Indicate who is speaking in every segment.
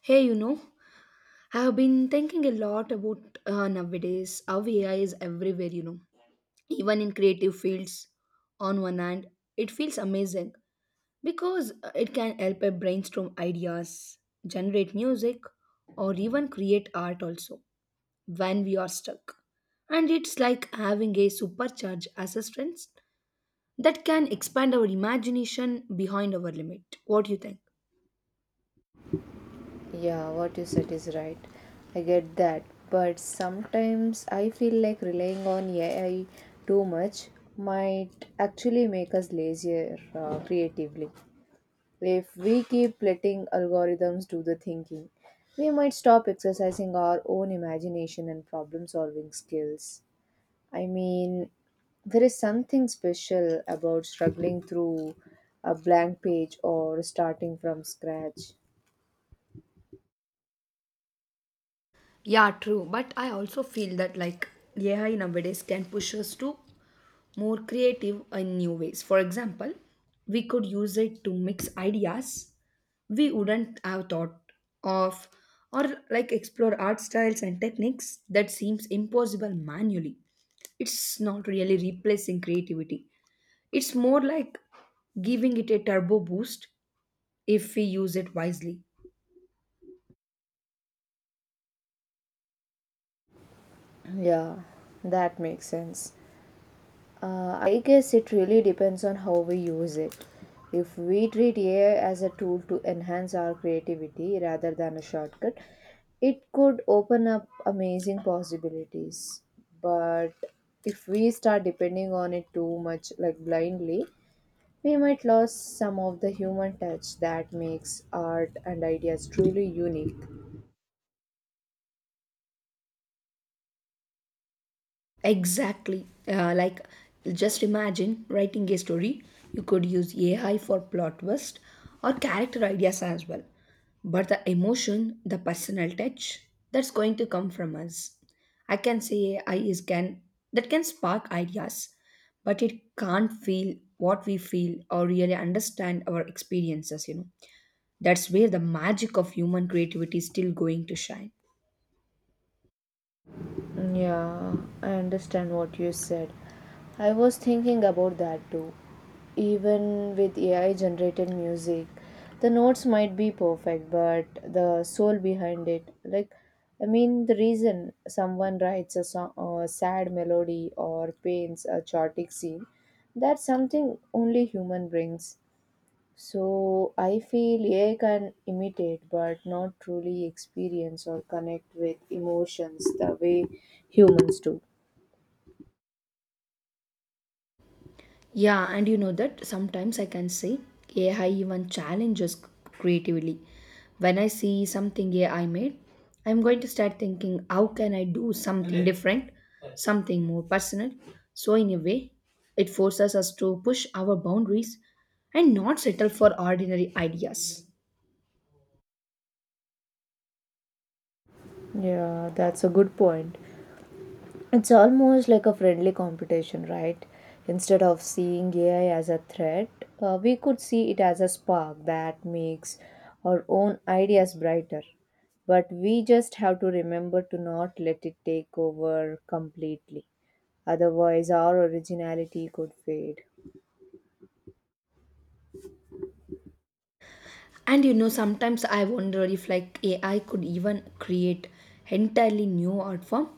Speaker 1: Hey, you know, I have been thinking a lot about nowadays how AI is everywhere, you know, even in creative fields. On one hand, it feels amazing because it can help us brainstorm ideas, generate music, or even create art also when we are stuck. And it's like having a supercharged assistant that can expand our imagination behind our limit. What do you think?
Speaker 2: Yeah, what you said is right. I get that. But sometimes I feel like relying on AI too much might actually make us lazier creatively. If we keep letting algorithms do the thinking, we might stop exercising our own imagination and problem solving skills. I mean, there is something special about struggling through a blank page or starting from scratch.
Speaker 1: Yeah, true. But I also feel that like AI nowadays can push us to more creative and new ways. For example, we could use it to mix ideas we wouldn't have thought of or like explore art styles and techniques that seems impossible manually. It's not really replacing creativity. It's more like giving it a turbo boost if we use it wisely.
Speaker 2: Yeah, that makes sense. I guess it really depends on how we use it. If we treat AI as a tool to enhance our creativity rather than a shortcut, it could open up amazing possibilities. But if we start depending on it too much, like blindly, we might lose some of the human touch that makes art and ideas truly unique.
Speaker 1: Exactly. Like, just imagine writing a story. You could use AI for plot twist or character ideas as well. But the emotion, the personal touch, that's going to come from us. I can say AI is can that can spark ideas, but it can't feel what we feel or really understand our experiences. You know, that's where the magic of human creativity is still going to shine.
Speaker 2: Yeah, I understand what you said. I was thinking about that too. Even with AI generated music, the notes might be perfect, but the soul behind it, like, I mean, the reason someone writes a song, a sad melody or paints a chaotic scene, that's something only human brings. So I feel AI can imitate but not truly experience or connect with emotions the way humans do.
Speaker 1: Yeah, and you know that sometimes I can say AI even challenges creatively. When I see something AI made, I'm going to start thinking, how can I do something different, something more personal? So, in a way, it forces us to push our boundaries and not settle for ordinary ideas.
Speaker 2: Yeah, that's a good point. It's almost like a friendly competition, right? Instead of seeing AI as a threat, we could see it as a spark that makes our own ideas brighter. But we just have to remember to not let it take over completely. Otherwise, our originality could fade.
Speaker 1: And you know, sometimes I wonder if like AI could even create entirely new art form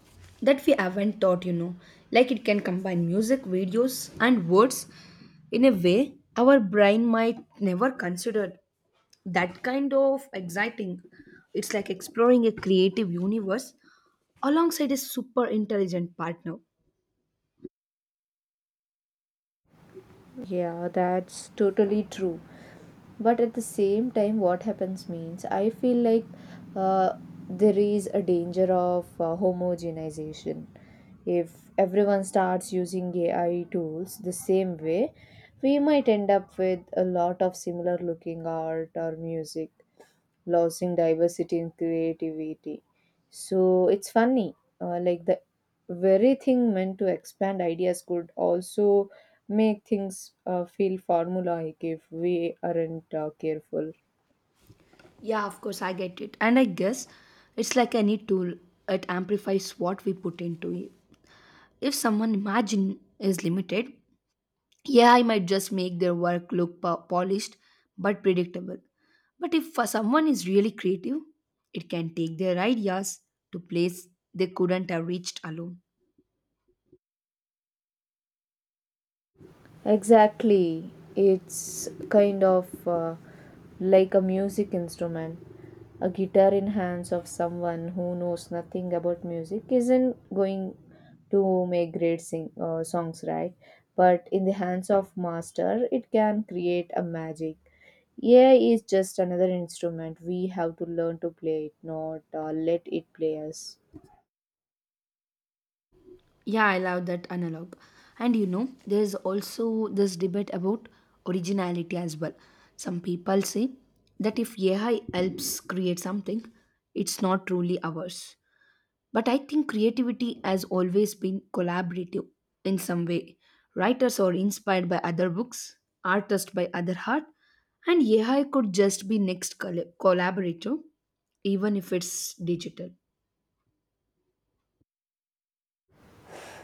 Speaker 1: that we haven't thought, you know. Like it can combine music, videos and words in a way our brain might never considered. That kind of exciting. It's like exploring a creative universe alongside a super intelligent partner.
Speaker 2: Yeah, that's totally true. But at the same time, what happens means I feel like uh, there is a danger of homogenization. If everyone starts using AI tools the same way, we might end up with a lot of similar looking art or music losing diversity and creativity. So it's funny, like the very thing meant to expand ideas could also make things feel formulaic if we aren't careful.
Speaker 1: Yeah, of course, I get it. And I guess it's like any tool, it amplifies what we put into it. If someone imagine is limited, AI might just make their work look polished but predictable. But if for someone is really creative, it can take their ideas to place they couldn't have reached alone.
Speaker 2: Exactly. It's kind of like a music instrument. A guitar in hands of someone who knows nothing about music isn't going to make great songs, right? But in the hands of master, it can create a magic. AI is just another instrument. We have to learn to play it, not let it play us.
Speaker 1: Yeah, I love that analog. And you know, there is also this debate about originality as well. Some people say that if AI helps create something, it's not truly ours. But I think creativity has always been collaborative in some way. Writers are inspired by other books, artists by other art, and AI could just be next collaborator, even if it's digital.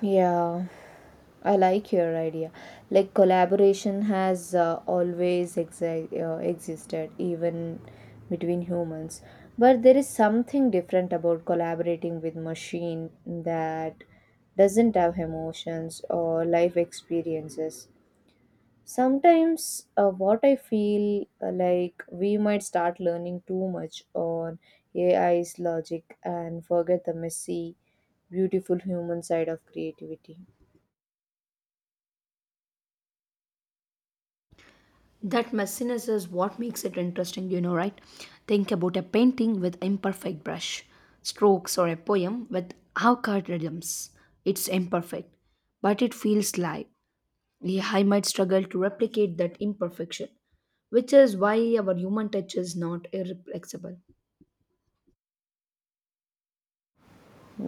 Speaker 2: Yeah, I like your idea. Like collaboration has always existed, even between humans. But there is something different about collaborating with machine that doesn't have emotions or life experiences. Sometimes, what I feel like we might start learning too much on AI's logic and forget the messy, beautiful human side of creativity.
Speaker 1: That messiness is what makes it interesting, you know, right? Think about a painting with imperfect brush strokes or a poem with avocado rhythms. It's imperfect, but it feels live. Yeah, I might struggle to replicate that imperfection, which is why our human touch is not irreplaceable.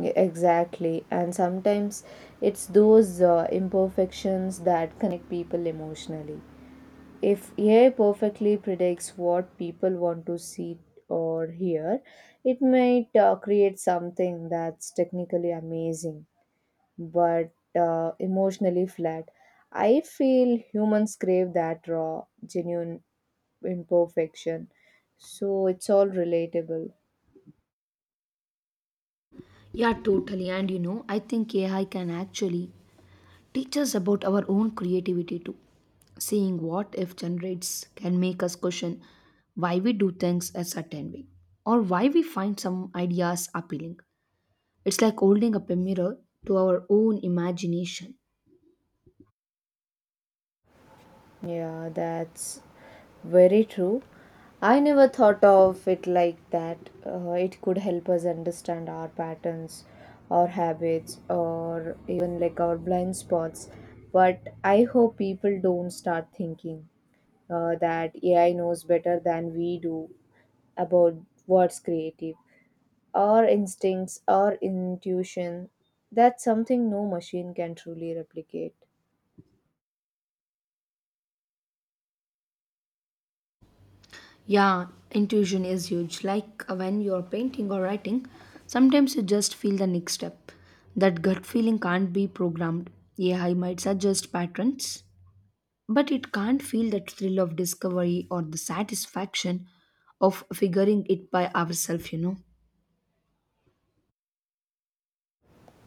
Speaker 2: Yeah, exactly, and sometimes it's those imperfections that connect people emotionally. If AI perfectly predicts what people want to see or hear, it might create something that's technically amazing but emotionally flat. I feel humans crave that raw, genuine imperfection, so it's all relatable.
Speaker 1: Yeah, totally. And you know, I think AI can actually teach us about our own creativity too. Seeing what if generates can make us question why we do things a certain way or why we find some ideas appealing. It's like holding up a mirror to our own imagination.
Speaker 2: Yeah, that's very true. I never thought of it like that. It could help us understand our patterns, our habits, or even like our blind spots. But I hope people don't start thinking that AI knows better than we do about what's creative, our instincts, our intuition. That's something no machine can truly replicate.
Speaker 1: Yeah, intuition is huge. Like when you're painting or writing, sometimes you just feel the next step. That gut feeling can't be programmed. AI might suggest patterns, but it can't feel that thrill of discovery or the satisfaction of figuring it by ourselves, you know.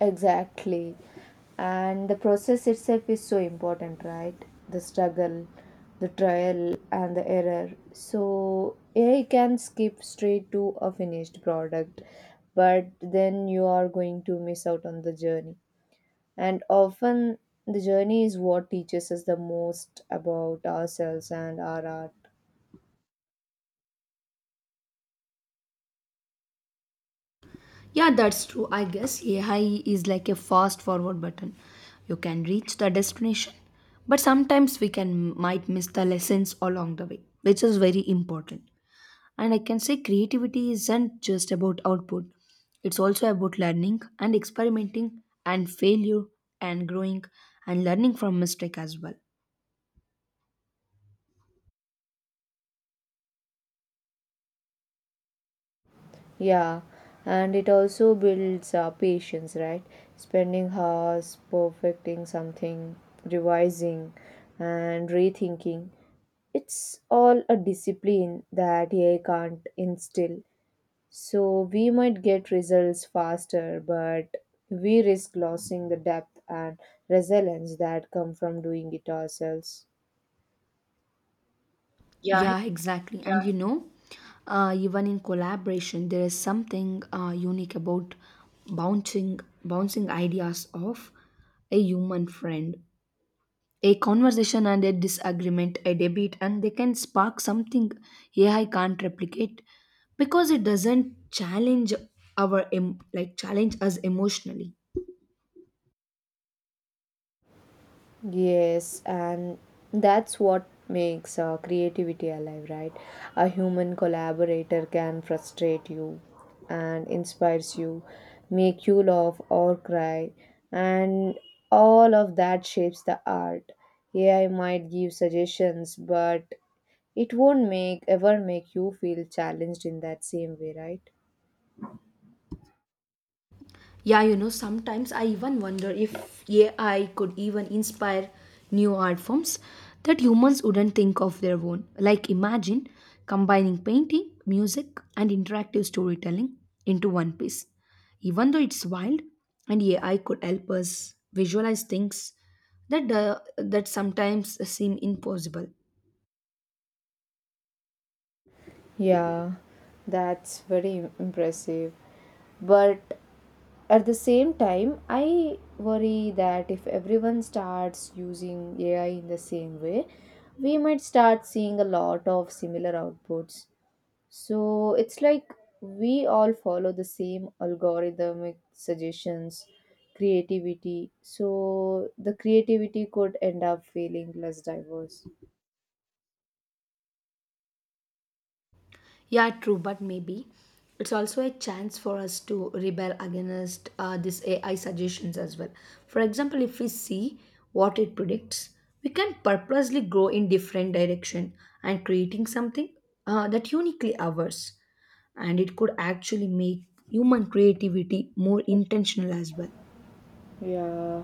Speaker 2: Exactly. And the process itself is so important, right? The struggle, the trial, and the error. So, AI can skip straight to a finished product, but then you are going to miss out on the journey. And often, the journey is what teaches us the most about ourselves and our art.
Speaker 1: Yeah, that's true. I guess AI is like a fast forward button. You can reach the destination, but sometimes we can might miss the lessons along the way, which is very important. And I can say creativity isn't just about output, it's also about learning and experimenting and failure and growing and learning from mistake as well.
Speaker 2: Yeah, and it also builds patience, right? Spending hours perfecting something, revising, and rethinking. It's all a discipline that AI can't instill. So we might get results faster, but we risk losing the depth and resilience that come from doing it ourselves.
Speaker 1: Yeah, exactly. And yeah, you know, even in collaboration, there is something unique about bouncing bouncing ideas off a human friend. A conversation and a disagreement, a debate, and they can spark something AI can't replicate because it doesn't challenge our like challenge us emotionally.
Speaker 2: Yes, and that's what makes creativity alive, right? A human collaborator can frustrate you and inspires you, make you laugh or cry, and all of that shapes the art. AI might give suggestions, but it won't make ever make you feel challenged in that same way, right?
Speaker 1: Yeah, you know, sometimes I even wonder if AI could even inspire new art forms that humans wouldn't think of their own. Like, imagine combining painting, music, and interactive storytelling into one piece. Even though it's wild, and AI could help us visualize things that sometimes seem impossible.
Speaker 2: Yeah, that's very impressive. But at the same time, I worry that if everyone starts using AI in the same way, we might start seeing a lot of similar outputs. So it's like we all follow the same algorithmic suggestions, creativity. So the creativity could end up feeling less diverse.
Speaker 1: Yeah, true, but maybe it's also a chance for us to rebel against these AI suggestions as well. For example, if we see what it predicts, we can purposely grow in different direction and creating something that uniquely ours, and it could actually make human creativity more intentional as well.
Speaker 2: Yeah.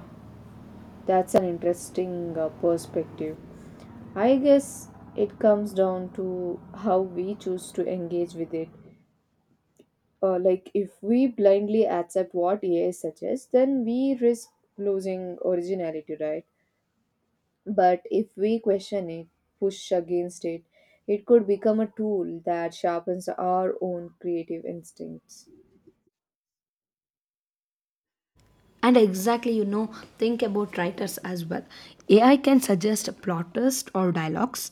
Speaker 2: That's an interesting perspective. I guess it comes down to how we choose to engage with it. Like, if we blindly accept what AI suggests, then we risk losing originality, right? But if we question it, push against it, it could become a tool that sharpens our own creative instincts,
Speaker 1: And exactly, you know, think about writers as well. AI can suggest plot twists or dialogues,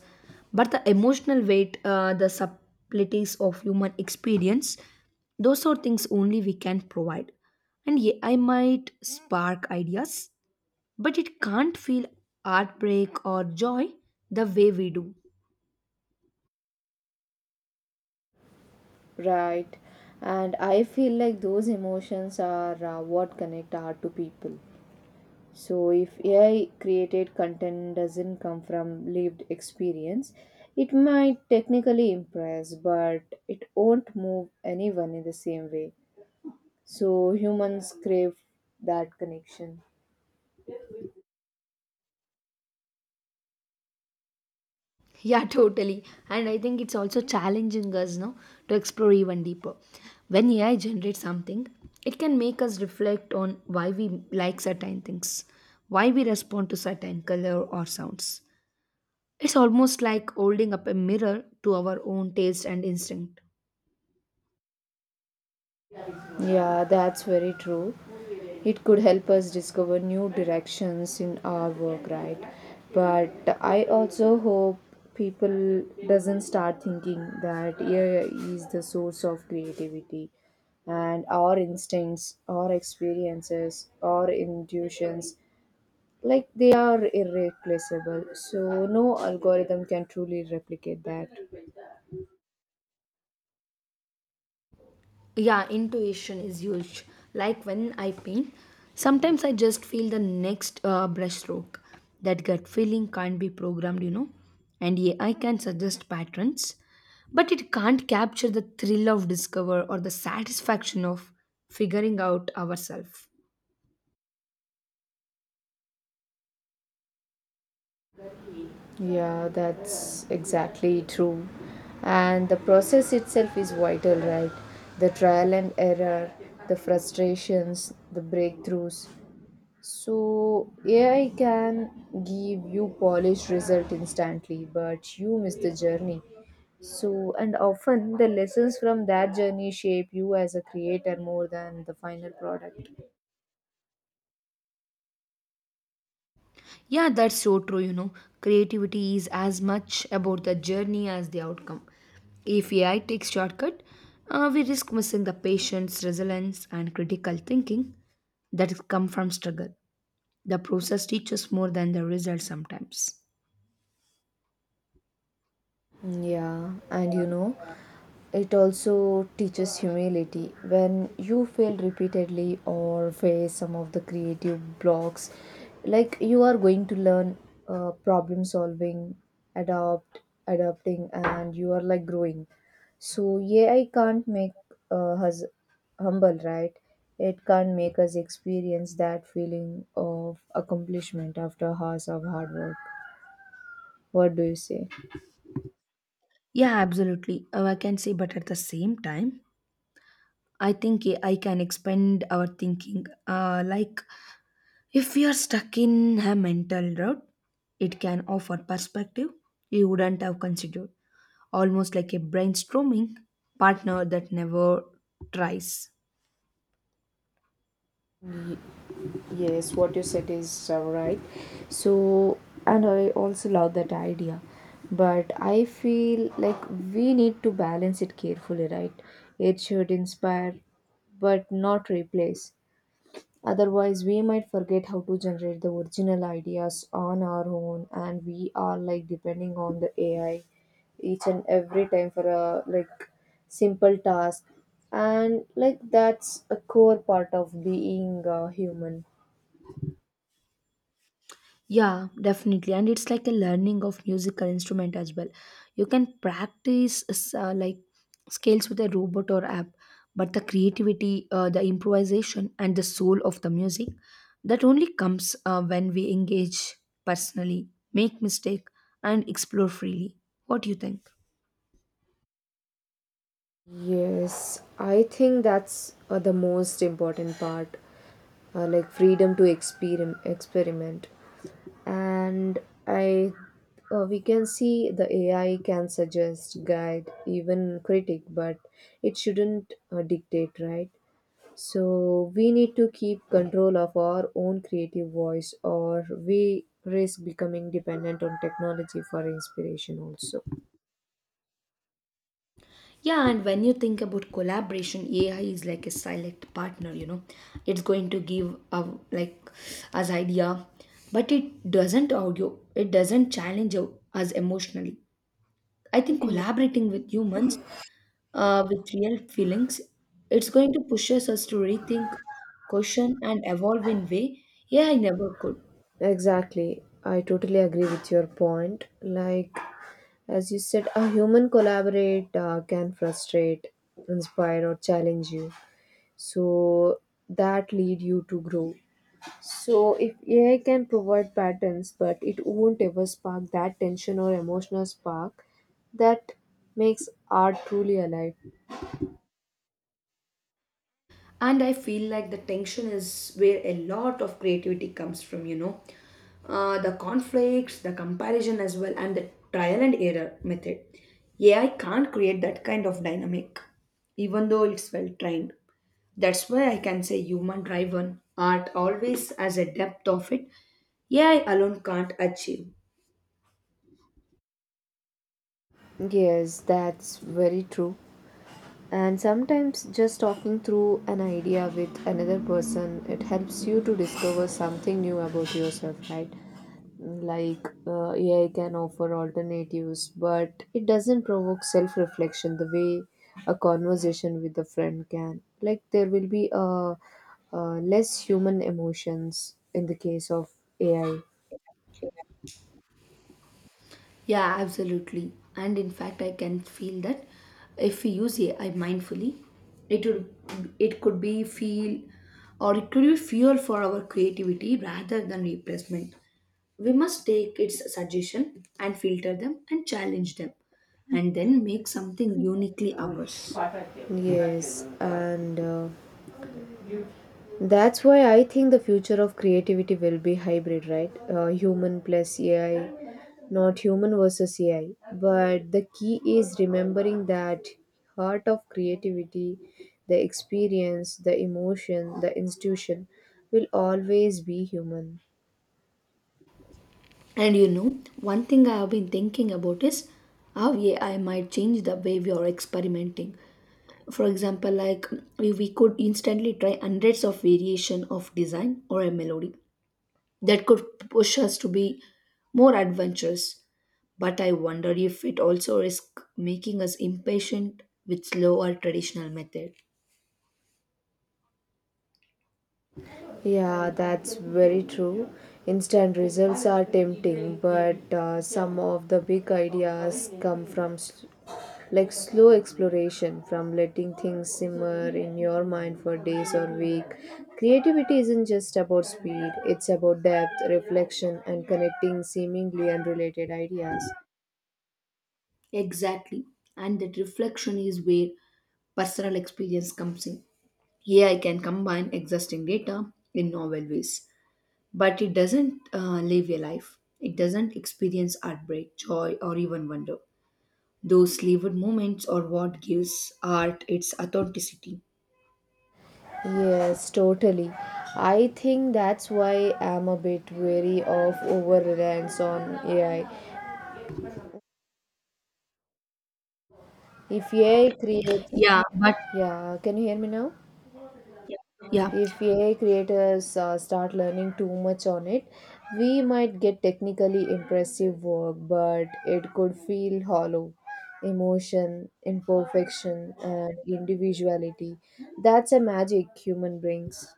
Speaker 1: but the emotional weight, the subtleties of human experience, those are things only we can provide. And AI might spark ideas, but it can't feel heartbreak or joy the way we do.
Speaker 2: right? And I feel like those emotions are what connect art to people. So, if AI created content doesn't come from lived experience, it might technically impress, but it won't move anyone in the same way. So, humans crave that connection.
Speaker 1: Yeah, totally. And I think it's also challenging us no, to explore even deeper. When AI generates something, it can make us reflect on why we like certain things, why we respond to certain color or sounds. It's almost like holding up a mirror to our own taste and instinct.
Speaker 2: Yeah, that's very true. It could help us discover new directions in our work, right? But I also hope people doesn't start thinking that AI is the source of creativity and our instincts, our experiences, our intuitions like they are irreplaceable. So no algorithm can truly replicate that.
Speaker 1: Yeah, intuition is huge. Like when I paint, sometimes I just feel the next brush stroke. That gut feeling can't be programmed, you know. And yeah, I can suggest patterns, but it can't capture the thrill of discover or the satisfaction of figuring out ourselves.
Speaker 2: Yeah, that's exactly true. And the process itself is vital, right? The trial and error, the frustrations, the breakthroughs. So AI can give you polished result instantly, but you miss the journey. So and often the lessons from that journey shape you as a creator more than the final product.
Speaker 1: Yeah, that's so true. You know, creativity is as much about the journey as the outcome. If AI takes shortcut, we risk missing the patience, resilience, and critical thinking that come from struggle. The process teaches more than the result sometimes.
Speaker 2: Yeah, and you know, it also teaches humility. When you fail repeatedly or face some of the creative blocks, like you are going to learn problem solving, adapt, adapting, and you are like growing. So, yeah, I can't make us humble, right? It can't make us experience that feeling of accomplishment after hours of hard work. What do you say?
Speaker 1: Yeah, absolutely. I can say, but at the same time, I think A I can expand our thinking. Like, if we are stuck in a mental rut, it can offer perspective you wouldn't have considered. Almost like a brainstorming partner that never tries.
Speaker 2: Yes, what you said is right. So, and I also love that idea. But I feel like we need to balance it carefully, right? It should inspire but not replace. Otherwise, we might forget how to generate the original ideas on our own, and we are like depending on the AI each and every time for a like simple task. And like that's a core part of being human.
Speaker 1: Yeah, definitely. And it's like a learning of musical instrument as well. You can practice like scales with a robot or app, but the creativity, the improvisation, and the soul of the music that only comes when we engage personally, make mistake, and explore freely. What do you think?
Speaker 2: Yes, I think that's the most important part, like freedom to experim- experiment. And I, we can see the AI can suggest, guide, even critic, but it shouldn't dictate, right? So we need to keep control of our own creative voice, or we risk becoming dependent on technology for inspiration also.
Speaker 1: Yeah, and when you think about collaboration, AI is like a silent partner, you know. It's going to give a, like us idea, but it doesn't argue. It doesn't challenge us emotionally. I think collaborating with humans, with real feelings, it's going to push us to rethink, question, and evolve in way AI never could.
Speaker 2: Exactly. I totally agree with your point. Like, as you said, a human collaborate can frustrate, inspire, or challenge you. So that lead you to grow. So if AI can provide patterns, but it won't ever spark that tension or emotional spark that makes art truly alive.
Speaker 1: And I feel like the tension is where a lot of creativity comes from, you know. The conflicts, the comparison as well, and the trial and error method. AI can't create that kind of dynamic, even though it's well trained. That's why I can say human driven art always has a depth of it AI alone can't achieve.
Speaker 2: Yes, that's very true. And sometimes just talking through an idea with another person, it helps you to discover something new about yourself, right? Like AI can offer alternatives, but it doesn't provoke self reflection the way a conversation with a friend can. Like, there will be less human emotions in the case of AI.
Speaker 1: Yeah, absolutely. And in fact, I can feel that if we use AI mindfully, it could be feel or it could be fuel for our creativity rather than replacement. We must take its suggestion and filter them and challenge them and then make something uniquely ours.
Speaker 2: Yes, and that's why I think the future of creativity will be hybrid, right? Human plus AI, not human versus AI. But the key is remembering that heart of creativity, the experience, the emotion, the institution will always be human.
Speaker 1: And you know, one thing I have been thinking about is how AI might change the way we are experimenting. For example, like we could instantly try hundreds of variation of design or a melody that could push us to be more adventurous, but I wonder if it also risk making us impatient with slow or traditional method.
Speaker 2: Yeah, that's very true. Instant results are tempting, but some of the big ideas come from like slow exploration, from letting things simmer in your mind for days or week. Creativity isn't just about speed, it's about depth, reflection, and connecting seemingly unrelated ideas.
Speaker 1: Exactly. And that reflection is where personal experience comes in. Here I can combine existing data in novel ways, but it doesn't live a life. It doesn't experience heartbreak, joy or even wonder. Those Leeward moments or what gives art its authenticity.
Speaker 2: Yes, totally. I think that's why I'm a bit wary of over reliance on AI. If AI creates.
Speaker 1: Yeah, but
Speaker 2: Yeah, can you hear me now?
Speaker 1: yeah,
Speaker 2: If AI creators start learning too much on it, we might get technically impressive work, but it could feel hollow. Emotion, imperfection, and individuality. That's a magic human brings.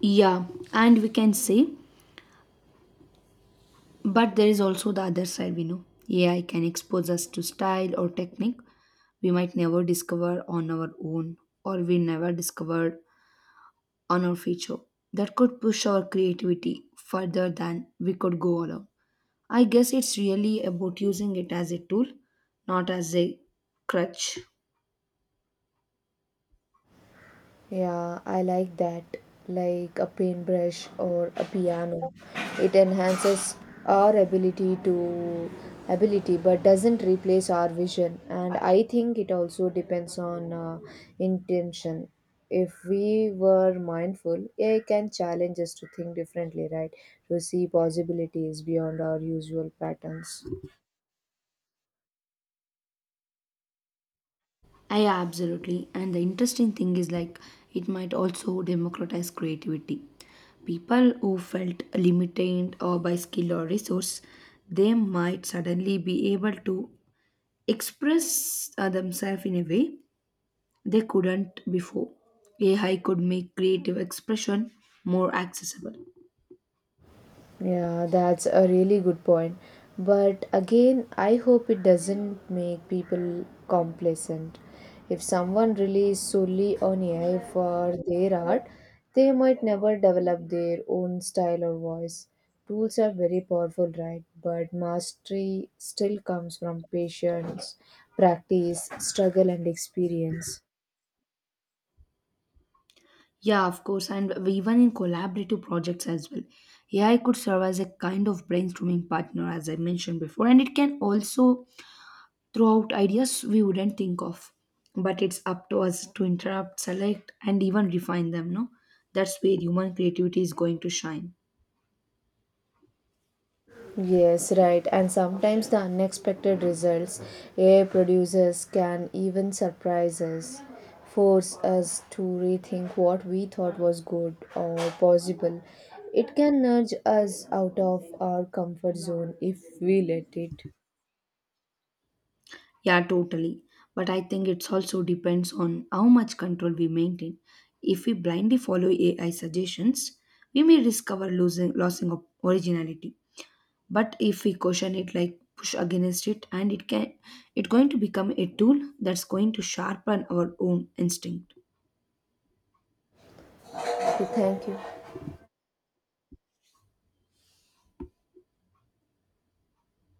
Speaker 1: yeah, and we can say, but there is also the other side we know. AI can expose us to style or technique we might never discover on our own or we never discovered on our feature. That could push our creativity further than we could go alone. I guess it's really about using it as a tool, not as a crutch.
Speaker 2: Yeah, I like that. Like a paintbrush or a piano. It enhances our ability to ability but doesn't replace our vision. And I think it also depends on intention. If we were mindful, AI can challenge us to think differently, right? To see possibilities beyond our usual patterns.
Speaker 1: I absolutely. And the interesting thing is like it might also democratize creativity. People who felt limited or by skill or resource, they might suddenly be able to express themselves in a way they couldn't before. AI could make creative expression more accessible.
Speaker 2: Yeah, that's a really good point. But again, I hope it doesn't make people complacent. If someone relies solely on AI for their art, they might never develop their own style or voice. Tools are very powerful, right? But mastery still comes from patience, practice, struggle, and experience.
Speaker 1: Yeah, of course, and even in collaborative projects as well. AI could serve as a kind of brainstorming partner, as I mentioned before, and it can also throughout ideas we wouldn't think of, but it's up to us to interrupt select and even refine them no. That's where human creativity is going to shine.
Speaker 2: Yes, right. And sometimes the unexpected results AI producers can even surprise us, force us to rethink what we thought was good or possible. It can nudge us out of our comfort zone if we let it.
Speaker 1: Yeah, totally. But I think it's also depends on how much control we maintain. If we blindly follow AI suggestions, we may risk our losing of originality. But if we caution it, like push against it, and it can, it's going to become a tool that's going to sharpen our own instinct.
Speaker 2: So, thank you.